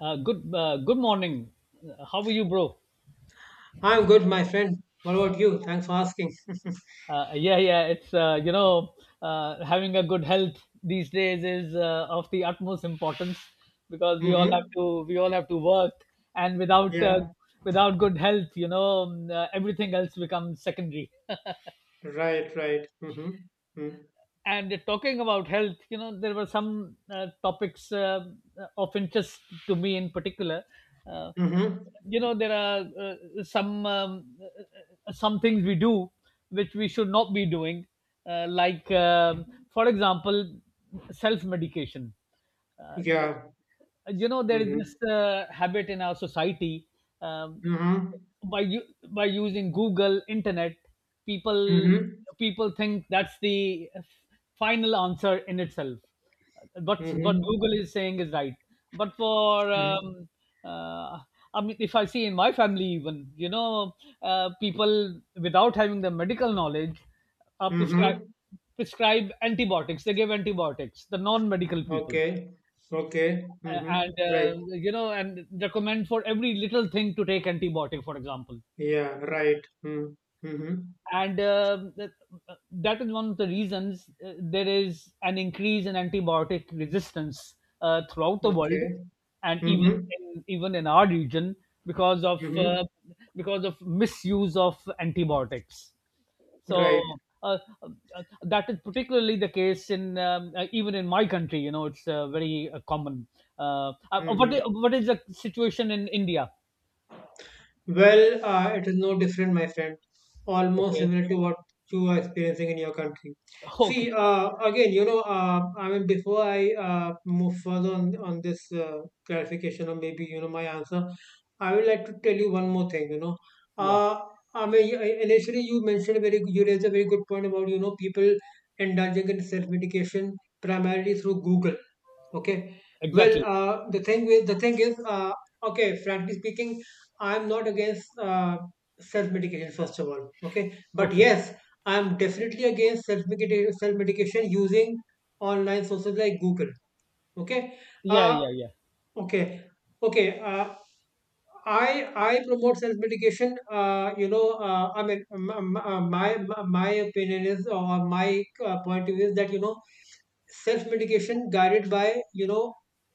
Good morning. How are you, bro? I'm good, my friend. What about you? Thanks for asking. Yeah, yeah. It's you know Having a good health these days is of the utmost importance because we all Mm-hmm. have to we all have to work, and Yeah. without good health, everything else becomes secondary. Right. Right. Mm-hmm. Mm-hmm. And talking about health, there were some topics of interest to me in particular uh, Mm-hmm. There are some things we do which we should not be doing, like for example self medication uh, Yeah. There is Mm-hmm. this habit in our society um, Mm-hmm. by by using Google internet people Mm-hmm. people think that's the final answer in itself, but what Mm-hmm. Google is saying is right. but for Mm-hmm. Uh, I mean, if I see in my family even, people without having the medical knowledge are prescribe Mm-hmm. prescribe antibiotics. They give antibiotics, the non medical people, Okay. Okay. a- Mm-hmm. and Right. uh, you know, and recommend for every little thing to take antibiotic for example. Yeah. Right. Mm-hmm. Mm-hmm. And that is one of the reasons there is an increase in antibiotic resistance throughout the world, Okay. and Mm-hmm. Even in our region because of Mm-hmm. uh, because of misuse of antibiotics. so Right. uh, uh, that is particularly the case in even in my country. You know, it's very common. Mm-hmm. What is the situation in India? Well, it is no different, my friend. Almost Okay. similar to what you are experiencing in your country. Okay, See, again, you know, I mean, before I move further on this clarification, or maybe you know my answer, I would like to tell you one more thing. You know, yeah, uh, I mean, initially you mentioned a very you raised a very good point about you know people indulging in self medication primarily through Google. Okay. Well, exactly. The thing with the thing is, okay, frankly speaking, I'm not against self-medication, first of all. Okay. But Okay, yes, I'm definitely against self-medication using online sources like Google. Okay. yeah, Uh, yeah, yeah, okay. Okay. I promote self medication. You know, I mean, my opinion is, or my point of view is, that you know self medication guided by you know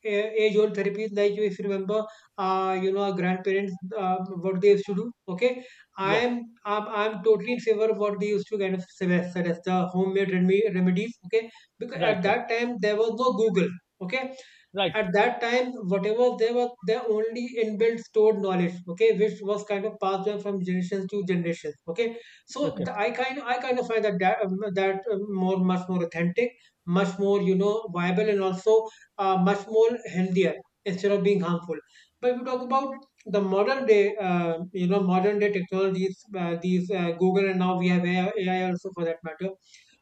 age old therapies, like you, if you remember, you know our grandparents, what they used to do. Okay, yeah. I'm totally in favor of what they used to kind of suggest, the homemade remedy remedies. Okay, because Right, at right, that time there was no Google. Okay, right. at that time whatever they were, their only inbuilt stored knowledge, okay, which was kind of passed on from generations to generations, okay. So Okay, the, I kind I kind of find that, that more, much more authentic, much more you know viable, and also much more healthier instead of being harmful. But if we talk about the modern day, you know modern day technologies, these google, and now we have AI, also for that matter.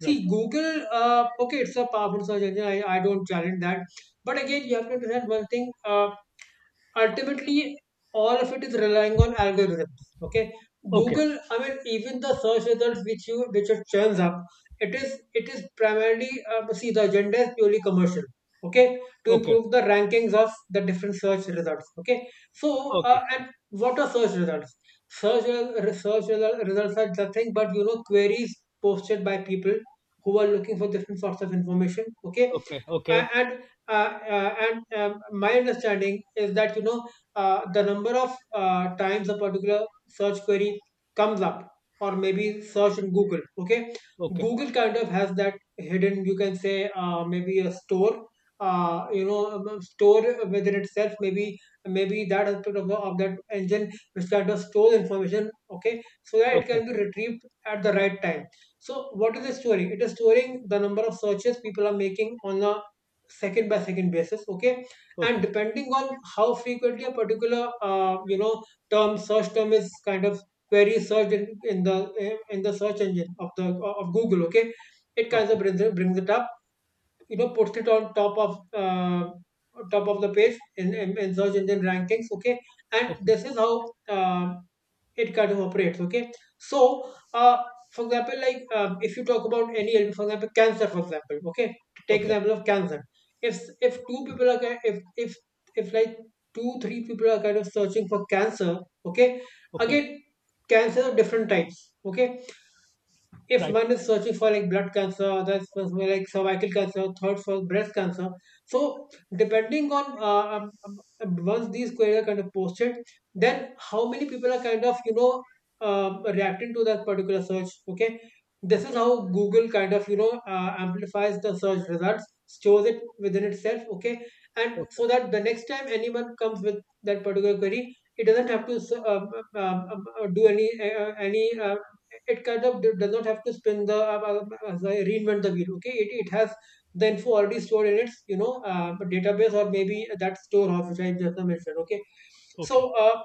right. See google, okay, it's a powerful search engine. I don't challenge that, but again, you have to understand one thing. Ultimately, all of it is relying on algorithms. Okay, Okay, Google. I mean, even the search results which you which it churns up, it is primarily, see, the agenda is purely commercial. Okay, to okay, improve the rankings of the different search results. Okay, so okay, and what are search results? Search results are nothing but you know queries posted by people who are looking for different sorts of information. Okay, okay, a- okay, and and my understanding is that you know the number of times a particular search query comes up, or maybe search in google, okay. okay, Google kind of has that hidden, you can say, maybe a store, you know store within itself, maybe, maybe that aspect of, of that engine, which kind of stores information, okay, so that it okay, can be retrieved at the right time. So what is the story? It is storing the number of searches people are making on a second by second basis, okay, and okay, depending on how frequently a particular you know term search term is kind of query searched in the in the search engine of the of google, okay, it kind of okay, brings it up, you know, puts it on top of the page in search engine rankings, okay. And this is how it kind of operates, okay. So uh for example, like if you talk about any illness, for example cancer, for example, okay, take okay, okay, example of cancer. If two people are ki- if If like two three people are kind of searching for cancer, okay, okay. again cancer of different types, okay. If Right. one is searching for like blood cancer, others for like cervical cancer, third for breast cancer. So depending on once these queries are kind of posted, then how many people are kind of you know reacting to that particular search? Okay, this is Okay, how Google kind of you know amplifies the search results, stores it within itself. Okay, and okay, so that the next time anyone comes with that particular query, it doesn't have to do any it kind of does not have to spin the reinvent the wheel, okay. It has the info already stored in its you know database, or maybe that storehouse which I just mentioned, okay. okay. So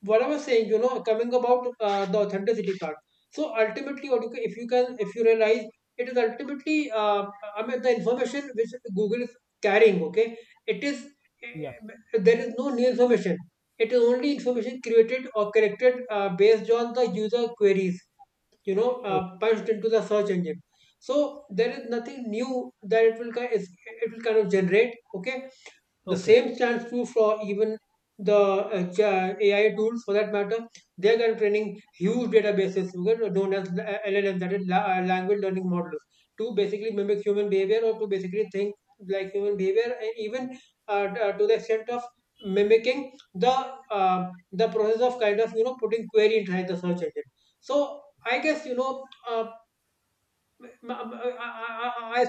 what I was saying, you know, coming about the authenticity part, so ultimately what if you can, if you realize, it is ultimately I mean the information which google is carrying, okay, it is Yeah. There is no new information. It is only information created or corrected based on the user queries, you know, Okay, punched into the search engine. So there is nothing new that it will kind of generate. Okay, the okay. same stands true for even the AI tools for that matter. They are training huge databases, you know, known as LLMs, that is language learning models, to basically mimic human behavior, or to basically think like human behavior, and even to the extent of mimicking the process of kind of you know putting query inside the search engine. So I guess you know I,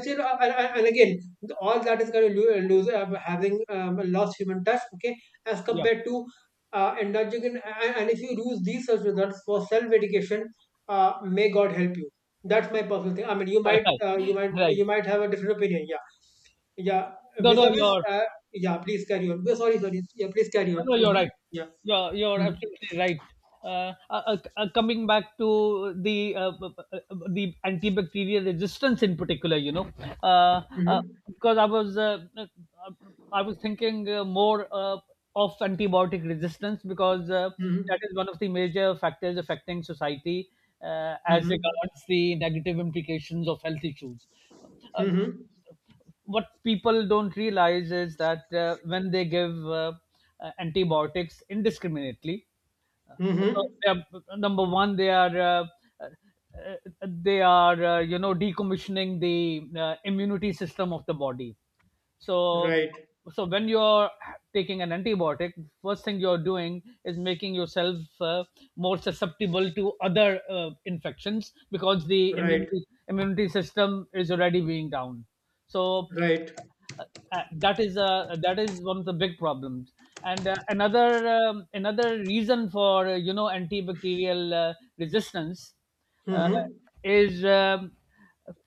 still and again, all that is going to lose having lost human touch, okay, as Yeah. compared to indulging in. And if you lose these such results for self-education, may god help you. That's my personal thing. I mean, you might Right, you might, right. you might have a different opinion. Yeah. Yeah. No, no, Vis-a-vis you're yeah, please carry on. We're sorry, sorry, yeah, please carry on. no, no, you're Mm-hmm. right. Yeah. You're mm-hmm. absolutely right. Coming back to the antibacterial resistance in particular, you know, uh, uh, Mm-hmm. because I was thinking more of antibiotic resistance because Mm-hmm. that is one of the major factors affecting society, as Mm-hmm. regards the negative implications of health issues. Uh, uh, Mm-hmm. what people don't realize is that when they give antibiotics indiscriminately, uh, so Mm-hmm. they are, number one, uh, they are you know, decommissioning the immunity system of the body. So, Right. so when you're taking an antibiotic, first thing you're doing is making yourself more susceptible to other infections because the Right. immunity system is already being down. So Right. uh, that is one of the big problems, and another reason for you know, antibacterial resistance uh, Mm-hmm. is um,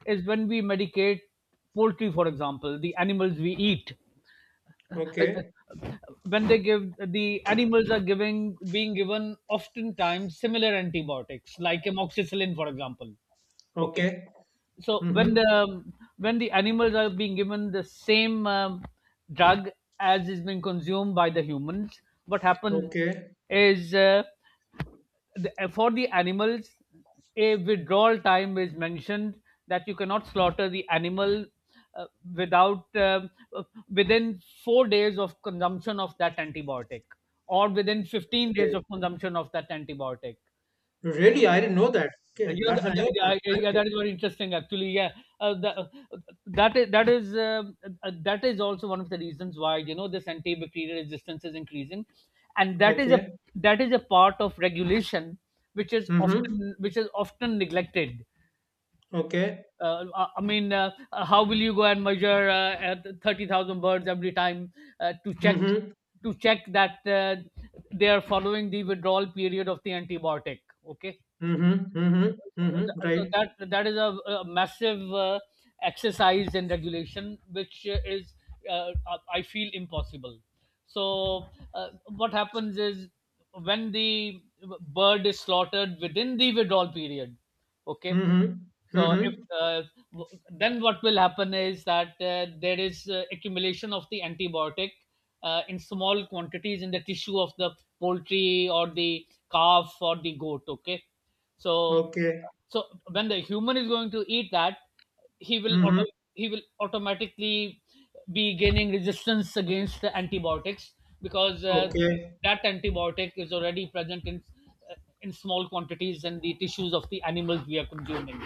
is when we medicate poultry, for example, the animals we eat. Okay. When they give, the animals are giving, being given oftentimes similar antibiotics like amoxicillin, for example. Okay, Okay. so when Mm-hmm. the, when the animals are being given the same drug as is being consumed by the humans, what happens Okay. is, for the animals, a withdrawal time is mentioned, that you cannot slaughter the animal uh, without uh, within 4 days of consumption of that antibiotic, or within 15 days Okay. of consumption of that antibiotic Really, I didn't know that. Okay. uh, You know, That's an eye-opener. Thank yeah, you. that is very interesting, actually. Yeah, the, that is that is that is also one of the reasons why, you know, this antibacterial resistance is increasing, and that is a, Okay. that is a part of regulation which is Mm-hmm. Often neglected. Okay. I mean, how will you go and measure at 30,000 birds every time to Mm-hmm. Check that they are following the withdrawal period of the antibiotic? Okay, Mm-hmm. Mm-hmm. so Mm-hmm. uh, Right. that uh, that is a massive exercise in regulation which is I feel impossible. So uh, what happens is, when the bird is slaughtered within the withdrawal period, okay Mm-hmm. so Mm-hmm. if uh, w- then what will happen is that there is accumulation of the antibiotic in small quantities in the tissue of the poultry or the calf or the goat. Okay, so, Okay. so when the human is going to eat that, Mm-hmm. He will automatically be gaining resistance against the antibiotics, because Okay. that antibiotic is already present uh, in small quantities in the tissues of the animals we are consuming.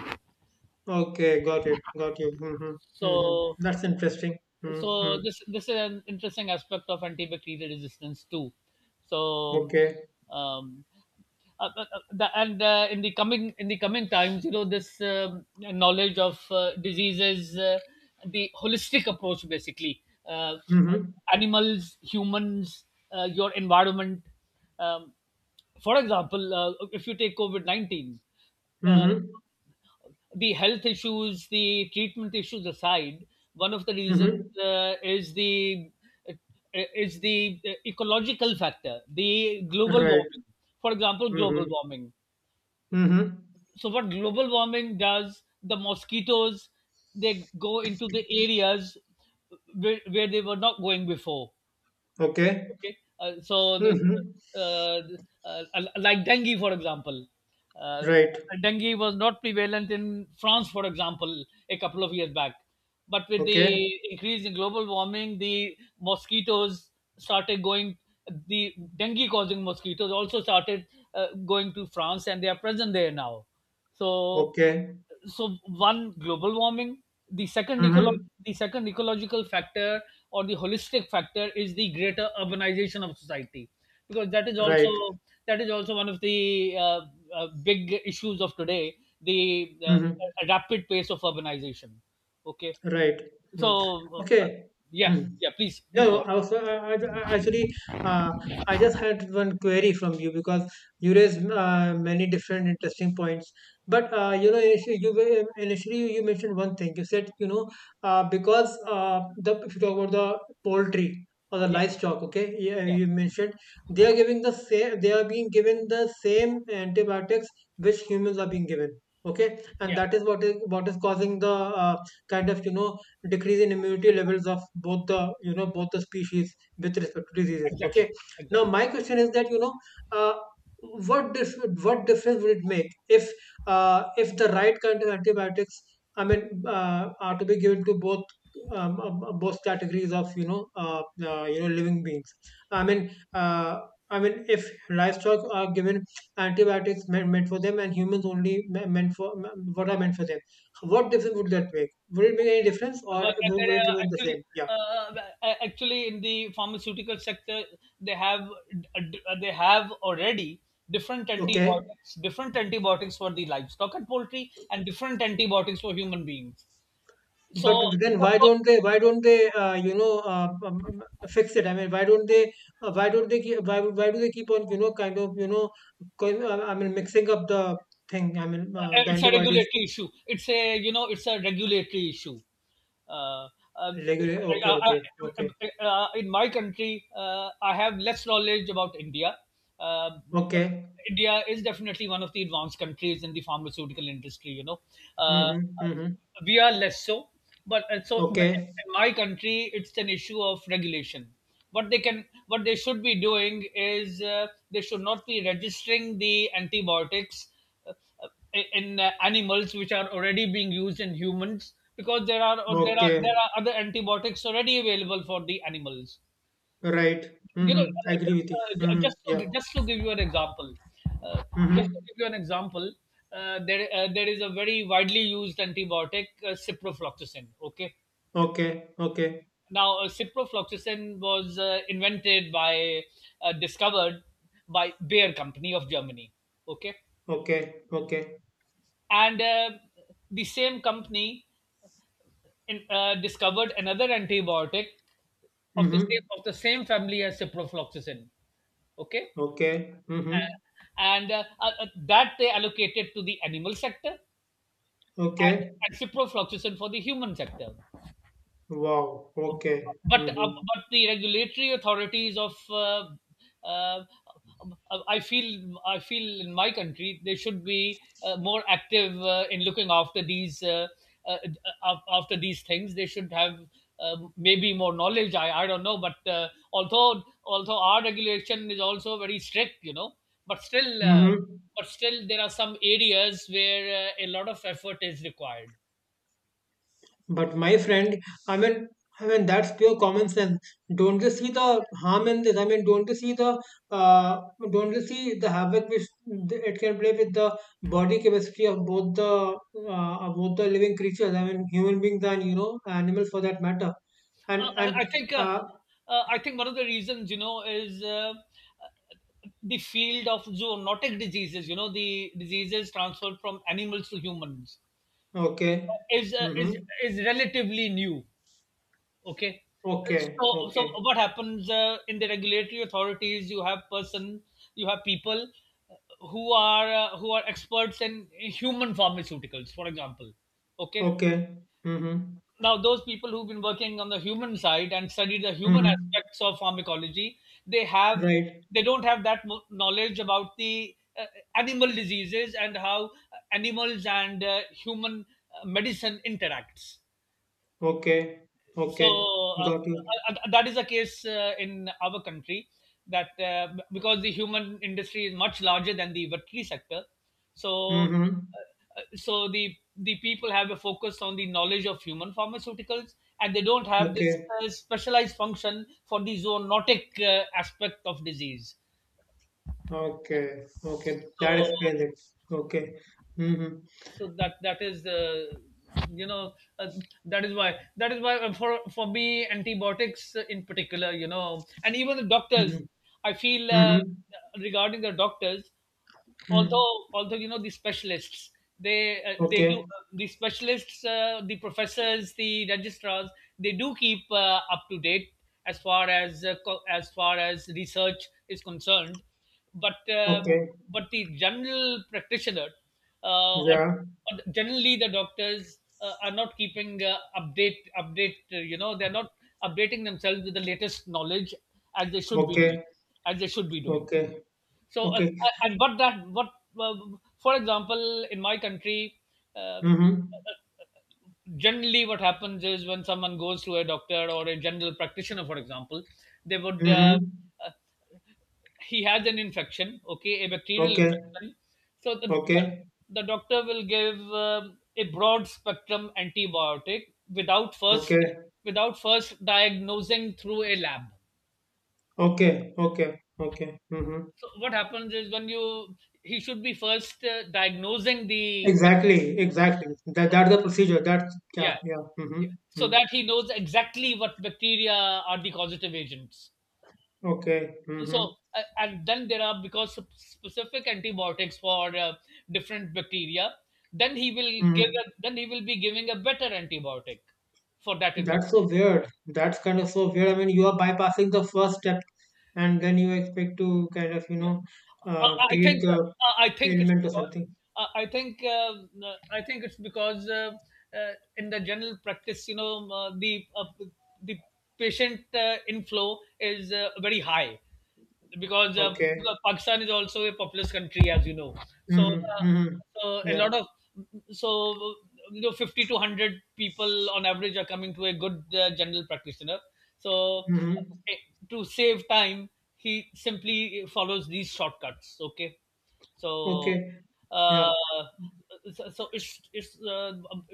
Okay. Got it. Got you. Mm-hmm. Mm-hmm. So, That's interesting. Mm-hmm. so this is an interesting aspect of antibacterial resistance too. so Okay. um, uh, uh, uh, the, and uh, in the coming times, you know, this knowledge of diseases, the holistic approach, basically, Mm-hmm. animals, humans, your environment, um, for example, if you take covid-19, Mm-hmm. the health issues, the treatment issues aside, one of the reasons Mm-hmm. uh, is the uh, is the ecological factor, the global Right. warming. For example, Mm-hmm. global warming. Mm-hmm. So what global warming does, the mosquitoes, they go into the areas where they were not going before. Okay. Okay. Mm-hmm. uh, like dengue, for example, uh, Right. dengue was not prevalent in France, for example, a couple of years back. But with Okay. the increase in global warming, the mosquitoes started going, the dengue causing mosquitoes also started going to France, and they are present there now. So, Okay. so one, global warming. the second ecolo- Mhm. the second ecological factor or the holistic factor is the greater urbanization of society, because that is also, Right. that is also one of the big issues of today, the Mhm. rapid pace of urbanization. Okay, Right. Mm. so, Okay. yeah, Mm. yeah, please No, please go no, ahead. I was, actually, uh, I just had one query from you, because you Yeah, raised many different interesting points. But you know, initially you mentioned one thing. You said you know because the, if you talk about the poultry or the yeah, livestock, okay, yeah, yeah, you mentioned they are giving the same. They are being given the same antibiotics which humans are being given. Okay, and yeah, that is what is causing the uh, kind of you know decrease in immunity levels of both the, you know, both the species with respect to diseases, okay. exactly, Now exactly. my question is that you know, uh, what difference would it make if, if the right kind of antibiotics, I mean, are to be given to both, both categories of you know living beings? I mean, uh, I mean if livestock are given antibiotics meant, meant for them, and humans only meant for what are meant for them, what difference would that make? Would it make any difference, or But there would it are remain the actually, same? Yeah, uh, actually in the pharmaceutical sector, they have, they have already okay. Different antibiotics for the livestock and poultry, and different antibiotics for human beings. But So, then why don't they you know fix it? I mean, why don't they why do they keep on you know kind of you know going, I mean mixing up the thing? I mean the it's a antibodies regulatory issue. It's, a you know, it's a regulatory issue. Uh, um, it's, regular. Okay, uh, uh, okay, okay, in my country, I have less knowledge about India. Um but okay. India is definitely one of the advanced countries in the pharmaceutical industry. You know, uh, Mm-hmm, mm-hmm. we are less so. But so in Okay, in my country, it's an issue of regulation. What they can, what they should be doing is, they should not be registering the antibiotics uh, in animals which are already being used in humans, because there are, or there are, there okay, are other antibiotics already available for the animals. right. You know, Mm-hmm. I agree with you. Mm-hmm. Yeah. Just to give you an example, uh, just to Mm-hmm. give you an example, there is a very widely used antibiotic, ciprofloxacin. Okay, Okay, okay, now, ciprofloxacin was discovered by Bayer Company of Germany. Okay, okay, okay. and the same company discovered another antibiotic of the Mm-hmm. same, of the same family as ciprofloxacin. Okay, Okay. and, Mm-hmm. and uh, uh, uh, that they allocated to the animal sector, Okay. and ciprofloxacin for the human sector. Wow. Okay. But Mm-hmm. but the regulatory authorities of uh, I feel, I feel in my country they should be more active in looking after these uh, after these things. They should have maybe more knowledge. I don't know, but although, although our regulation is also very strict, you know, but still uh, Mm-hmm. but still there are some areas where a lot of effort is required. But my friend, I mean, I mean that's pure common sense. Don't you see the harm in this? I mean, don't you see the uh, don't you see the havoc which it can play with the body chemistry of both the living creatures? I mean, human beings and you know animals for that matter. Uh, I, And I think uh, I think one of the reasons, you know, is the field of zoonotic diseases. You know, the diseases transferred from animals to humans okay. uh, is uh, is Mm-hmm. is relatively new. Okay, Okay. so, so Okay. what happens in the regulatory authorities? You have person, you have people who are experts in human pharmaceuticals, for example. Okay, Okay. Mm-hmm. now those people who've been working on the human side and studied the human Mm-hmm. aspects of pharmacology they have Right. they don't have that knowledge about the uh, animal diseases and how animals and human medicine interacts. Okay, So okay, uh, uh, got you. That is the case in our country, because the human industry is much larger than the veterinary sector. So Mm-hmm. So the people have a focus on the knowledge of human pharmaceuticals, and they don't have this Okay, specialized function for the zoonotic aspect of disease. okay, okay. That so explains it. Okay. Mm-hmm. so that is you know uh, that is why for me antibiotics, in particular, you know, and even the doctors, Mm-hmm. I feel, Mm-hmm. regarding the doctors, Mm. although you know the specialists, Okay, the specialists, the professors, the registrars, they do keep up to date as far as as far as research is concerned. But okay. but the general practitioner, uh, or, Yeah. or generally the doctors are not keeping update, you know, they're not updating themselves with the latest knowledge as they should be doing, Okay, as they should be doing. okay, so, uh, okay. and uh, for example, in my country, um, Mm-hmm. generally what happens is when someone goes to a doctor or a general practitioner, for example, they would, Mm-hmm. uh, he has an infection, okay, a bacterial Okay, infection. So, okay, the doctor will give a broad spectrum antibiotic without first, okay, without first diagnosing through a lab. okay, okay, okay. Mm-hmm. So what happens is when you he should be first diagnosing the bac- Exactly, exactly. That that's okay, the procedure. That's yeah, yeah, yeah. Mm-hmm. yeah, so Mm. that he knows exactly what bacteria are the causative agents. Okay. So Mm-hmm. And then there are because specific antibiotics for different bacteria. Then he will give Mm-hmm. a, then he will be giving a better antibiotic for that infection. That's so weird. That's kind of so weird. I mean, you are bypassing the first step, and then you expect to kind of, you Yeah. know, Uh, I treat think the I think it's ailment or because something. I think it's because in the general practice, you know, the patient inflow is very high Okay. because Pakistan is also a populous country, as you know. So, Mm-hmm. Mm-hmm. so a Yeah. lot of, so you know, 50 to 100 people on average are coming to a good general practitioner. So, Mm-hmm. uh, to save time, he simply follows these shortcuts. Okay, so. Okay. Yeah. Uh, so, so it's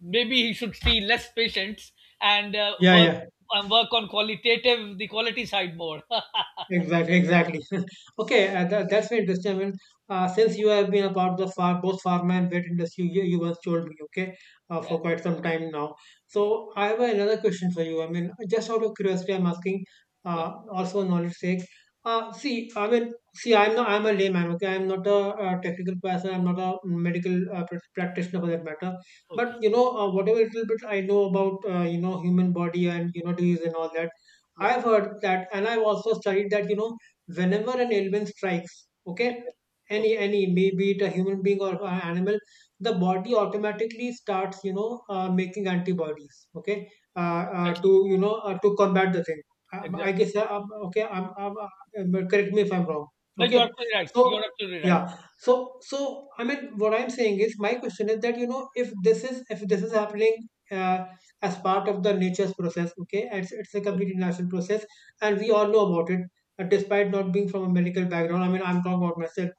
maybe he should see less patients and Yeah. work Yeah. and work on qualitative the quality side more. Exactly, exactly. Okay, that's very interesting. I mean, since you have been a part of the far, both pharma and vet industry, you once told me, okay, Yeah, for quite some time now. yeah, So I have another question for you. I mean, just out of curiosity, I'm asking, yeah. Also knowledge sake. See, I mean, see, I'm not, I'm a layman, okay? I'm not a technical person. I'm not a medical practitioner for that matter. But, Okay, whatever little bit I know about, human body and, disease and all that yeah, I've heard that, and I've also studied that. Whenever an ailment strikes, okay, okay, okay. any, maybe it a human being or an animal, the body automatically starts, making antibodies, okay, uh, Exactly, to combat the thing. I exactly. guess, okay, correct me if I'm wrong, No, you are okay? absolutely right. You So, are absolutely right. yeah, so, I mean, what I'm saying is, my question is that, you know, if this is happening, uh, as part of the nature's process. Okay, it's a Okay, complete natural process, and we all know about it. Okay. Despite not being from a medical background, I mean, I'm talking about myself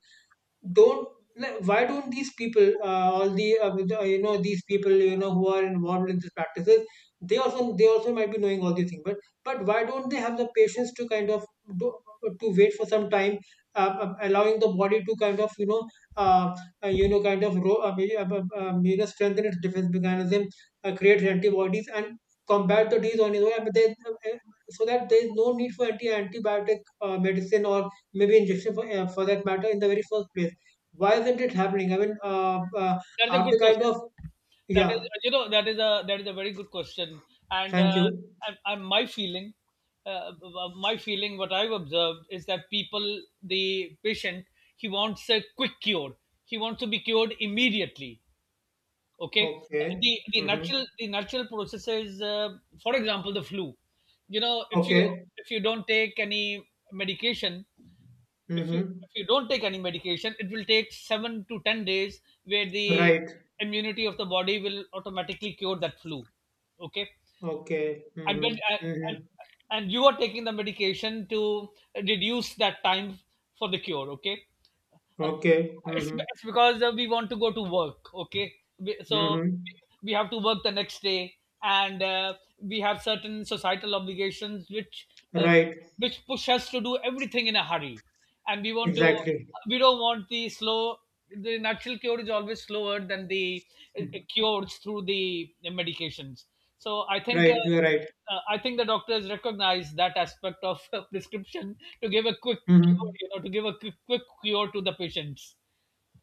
don't like, why don't these people all the you know these people you know who are involved in these practices they also might be knowing all these things but why don't they have the patience to kind of do, to wait for some time, allowing the body to kind of uh, you know kind of ro- you know strengthen its defense mechanism, create antibodies and combat the disease on its own, so that there is no need for antibiotic medicine or maybe injection for that matter in the very first place. Why isn't it happening? I mean, That is a are good the kind question. of. That is, Yeah. you know, that is a very good question. And Thank uh, you. and uh, my feeling, what I've observed is that people, the patient, he wants a quick cure. He wants to be cured immediately, okay. Uh, Okay. the the Mm-hmm. natural, the natural processes, for example the flu, you know, Okay. if you don't take any medication, if you Mm-hmm. if you don't take any medication, it will take 7 to 10 days, where the Right. immunity of the body will automatically cure that flu, okay. Okay. and when Mm-hmm. and, and Mm-hmm. and you are taking the medication to reduce that time for the cure, okay. uh, Okay. it's, Mm-hmm. it's because we want to go to work, okay. So Mm-hmm. we have to work the next day, and we have certain societal obligations uh, Right. which push us to do everything in a hurry, and we want to, Exactly. we don't want the slow, the natural cure is always slower than the cures through the medications. So I think Right. You're right. I think the doctors recognize that aspect of prescription to give a quick Mm-hmm. cure, you know, to give a quick, quick cure to the patients.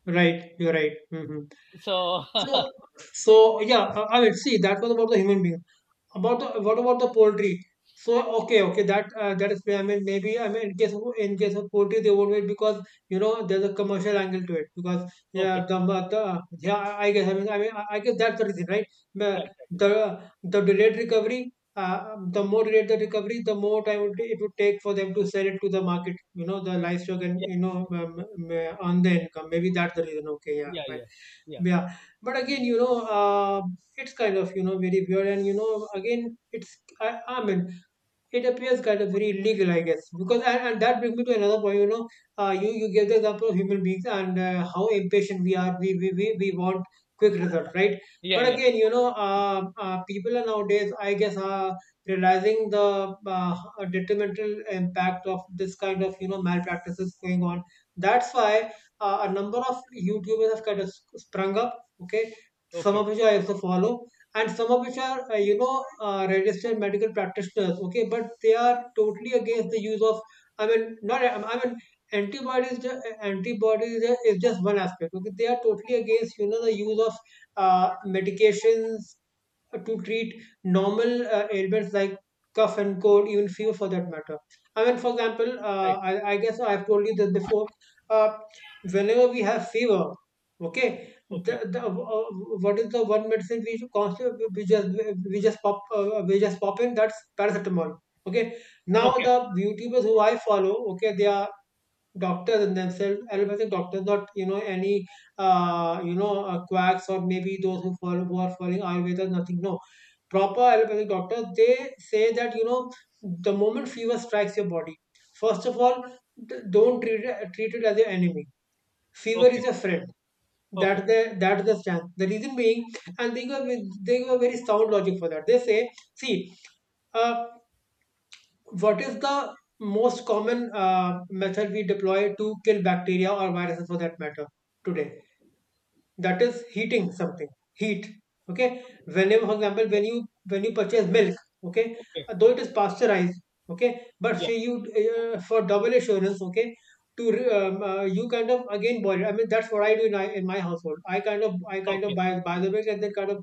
Right. You're right. Mm-hmm. So So, so yeah. I mean, see, that was about the human being. About the What about the poultry? So okay, okay, that is fair. I mean maybe I mean in case of poultry they won't wait because you know there's a commercial angle to it, because okay, yeah the yeah I guess I mean I guess that's the reason, right? the right, right, the, the delayed recovery, the more delayed the recovery the more time it would take for them to sell it to the market, you know the livestock, and you know, earn the income. Maybe that's the reason. Okay, yeah, yeah, yeah, fine. yeah, yeah, Yeah, but again, you know, it's kind of you know very weird, and you know, again, it's I mean, it appears kind of very illegal, I guess. Because and that brings me to another point. You know, you give the example of human beings, and how impatient we are. We want quick result, right? yeah, But yeah, again, you know, people are nowadays, I guess, are realizing the, detrimental impact of this kind of you know malpractices going on. That's why, a number of YouTubers have kind of sprung up. Okay, some okay, of which I also follow and some of which are, registered medical practitioners. Okay, but they are totally against the use of, not, I mean antibodies, antibodies, is just one aspect. Okay, they are totally against you know the use of, uh, medications to treat normal, ailments like cough and cold, even fever for that matter. I mean, for example, right, I guess I've told you that before. Uh, Whenever we have fever, okay, okay, the what is the one medicine we constantly we just pop in? That's paracetamol. Okay. Now okay, the YouTubers who I follow, okay, they are doctors in themselves, allopathic doctors, not you know any, quacks, or maybe those who follow who are following Ayurveda, nothing. No, proper allopathic doctor, they say that you know the moment fever strikes your body, first of all, don't treat it as your enemy. Fever okay, is your friend. okay, That's the stance. The reason being, and they go with they go very sound logic for that, they say, see, uh, what is the most common, method we deploy to kill bacteria or viruses for that matter today? That is heating something, heat. Okay, whenever, for example, when okay, you, when you purchase milk, okay, okay. Though it is pasteurized, okay, but Yeah. say you, for double assurance, okay, to, you kind of again boil it. I mean that's what I do in my household. I kind of Okay. buy the milk and then kind of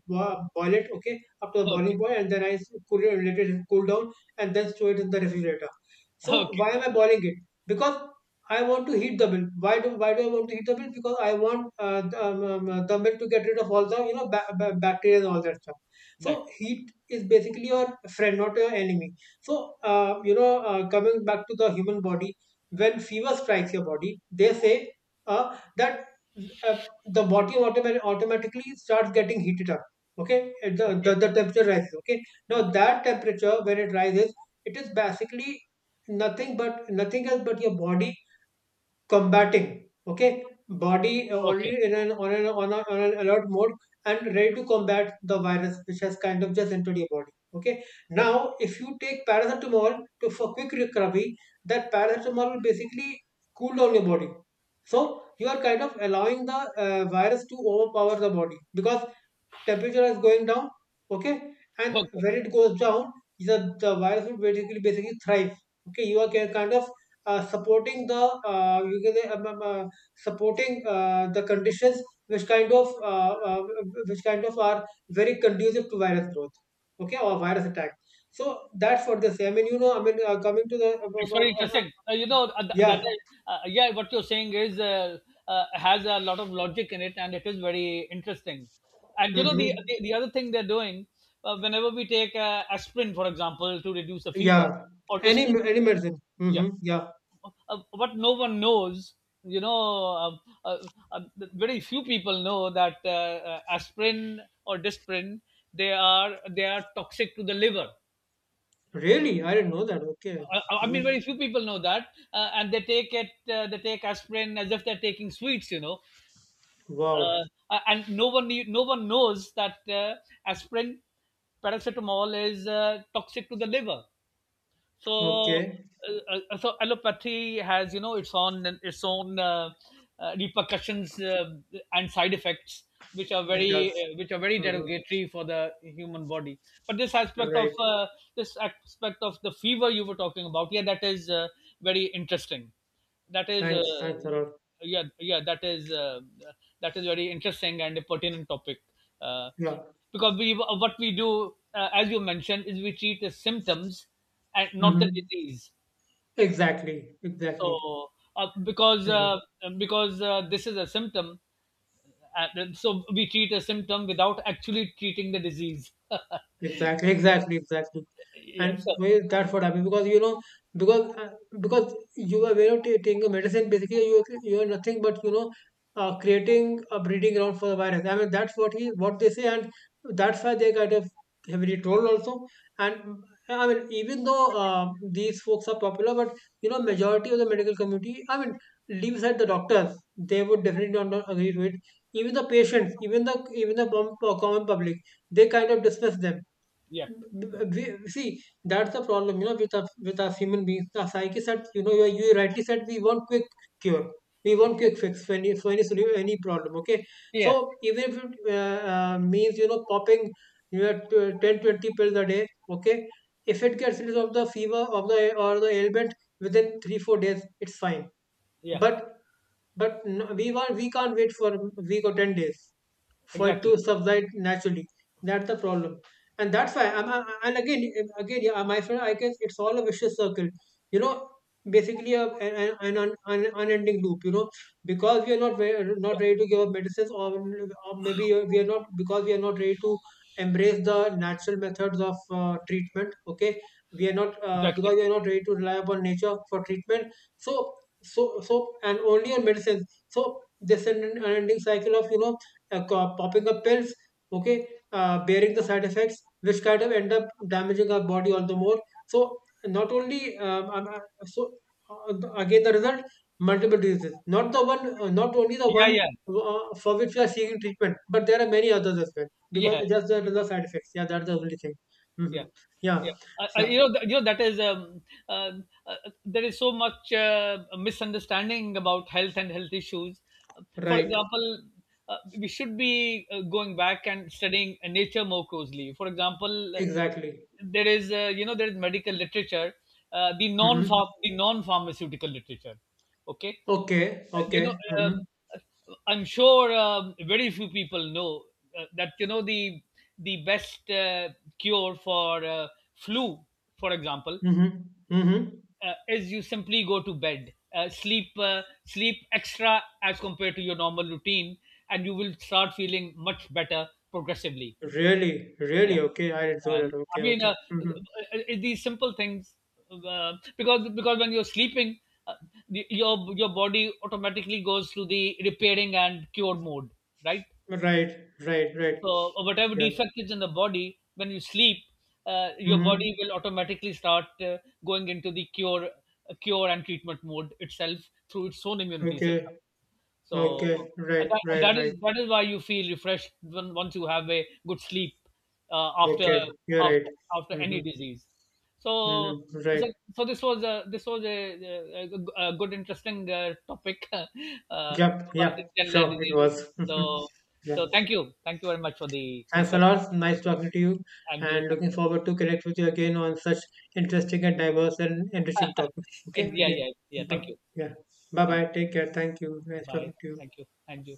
boil it, okay, up to the Okay. boiling point, and then I cool it, let it cool down, and then store it in the refrigerator. So Okay. why am I boiling it? Because I want to heat the bill. Why do I want to heat the bill? Because I want, the milk to get rid of all the you know bacteria and all that stuff. So Right. heat is basically your friend, not your enemy. So, you know, coming back to the human body, when fever strikes your body, they say, that uh, the body automatically starts getting heated up. Okay, Uh, the, the Okay. the temperature rises. Okay, now Okay. that temperature when it rises, it is basically nothing else but your body combating. Okay, body Okay. already in an, on an alert mode, and ready to combat the virus which has kind of just entered your body, okay. Okay. Now if you take paracetamol to for quick recovery, that paracetamol will basically cool down your body. So you are kind of allowing the, virus to overpower the body because temperature is going down, okay, and Okay. when it goes down, the virus will basically thrive, okay. You are kind of, supporting the, you can say, supporting, the conditions which kind of uh, uh, which kind of are very conducive to virus growth, okay, or virus attack. So that's what they say. I mean you know, coming to the, It's very interesting. That yeah. Yeah, what you're saying is has a lot of logic in it, and it is very interesting. And you know Mm-hmm. The other thing they're doing, whenever we take aspirin, for example, to reduce the fever Yeah. or any disprin, any medicine. yeah, Mm-hmm. Yeah. What no one knows, you know uh, uh, uh, very few people know that aspirin or disprin, they are, they are toxic to the liver. Really? I didn't know that. Okay. I Ooh. mean, very few people know that, and they take it. They take aspirin as if they're taking sweets, you know. Wow. Uh, and no one, knew- no one knows that aspirin, paracetamol is toxic to the liver. So, Okay. So allopathy has, you know, its own repercussions and side effects, which are It very, does. Which are very Mm-hmm. derogatory for the human body. But this aspect of, Right. This aspect of the fever you were talking about, yeah, that is very interesting. That is, Thanks. Thanks a lot. yeah, yeah, that is very interesting and a pertinent topic. Uh, Yeah. because we, what we do, as you mentioned, is we treat the symptoms and not the Mm-hmm. disease. Exactly. Exactly. So uh, because Exactly. uh, because this is a symptom, uh, so we treat a symptom without actually treating the disease. Exactly, exactly, exactly. Yeah. And So well, that's what happened because you know, because uh, because you are aware of taking a medicine. Basically you are nothing but you know, creating a breeding ground for the virus. I mean that's what they say, and that's why they kind of heavily trolled also. And mm, I mean even though, these folks are popular, but you know majority of the medical community, I mean leave aside the doctors, they would definitely not, not agree to it. Even the patients, even the common public, they kind of dismiss them. yeah. b- Yeah. b- we, See, that's the problem you know with us human beings, the psyche said you know, you rightly said we want quick cure. We want quick fix for any, any problem, okay, so Yeah. even if it, means you know popping, you know, 10 20 pills a day, okay, if it gets rid of the fever of the, or the ailment, within 3 4 days, it's fine, Yeah. but but no, we can't wait for a week or 10 days for it Exactly. to subside naturally. That's the problem, and that's why. I'm, I and again, again, yeah, my friend, I guess it's all a vicious circle. You know, basically a, an unending loop. You know, because we are not Yeah. ready to give up medicines, or maybe we are not, because we are not ready to embrace the natural methods of, treatment. Okay, we are not, because Exactly. we are not ready to rely upon nature for treatment. So and only on medicines. So this unending cycle of you know, popping up pills, okay, bearing the side effects, which kind of end up damaging our body all the more. So not only so the- again, the result, multiple diseases, not the one, not only the Yeah. one, Yeah. For which we are seeking treatment, but there are many others as well, Yeah. because just the side effects. Yeah, that's the only thing. Hmm. Yeah, yeah. Yeah, yeah, You know that is uh, uh, there is so much misunderstanding about health and health issues. For right, example, we should be going back and studying nature more closely. For example, exactly. there is, you know, there is medical literature, uh, the non Hmm. the non pharmaceutical literature, okay. Okay, You know, okay. Hmm. I'm sure, very few people know that, you know, the best cure for flu, for example, Hmm. Hmm. Is you simply go to bed, sleep extra as compared to your normal routine, and you will start feeling much better progressively. Really, Yeah. really, okay. I didn't know that. I Okay, mean, okay. Mm-hmm. These simple things, because when you're sleeping, uh, your body automatically goes through the repairing and cure mode, right? Right, right, right. So whatever Yeah. defect is in the body, when you sleep, your body Mm-hmm. will automatically start going into the cure cure and treatment mode itself through its own immunity system. Okay, So okay. Right, that, right, that right. is, that is why you feel refreshed when, once you have a good sleep after Okay, you're right. after after Mm-hmm. any disease. So Mm-hmm. so, Right. This was a, this was a, a a good interesting topic Yep. about Yeah. the general Sure. It diseases. was. So Yeah. so thank you, thank you very much for the Thanks a discussion. lot. Nice talking to you, And you, and thank looking you. forward to connect with you again on such interesting and diverse and enriching topics. Okay. And yeah, Okay. yeah, yeah, thank you. Yeah. Bye Thank you. bye. Take care. Thank you. Nice Bye, talking to you. thank you, and you.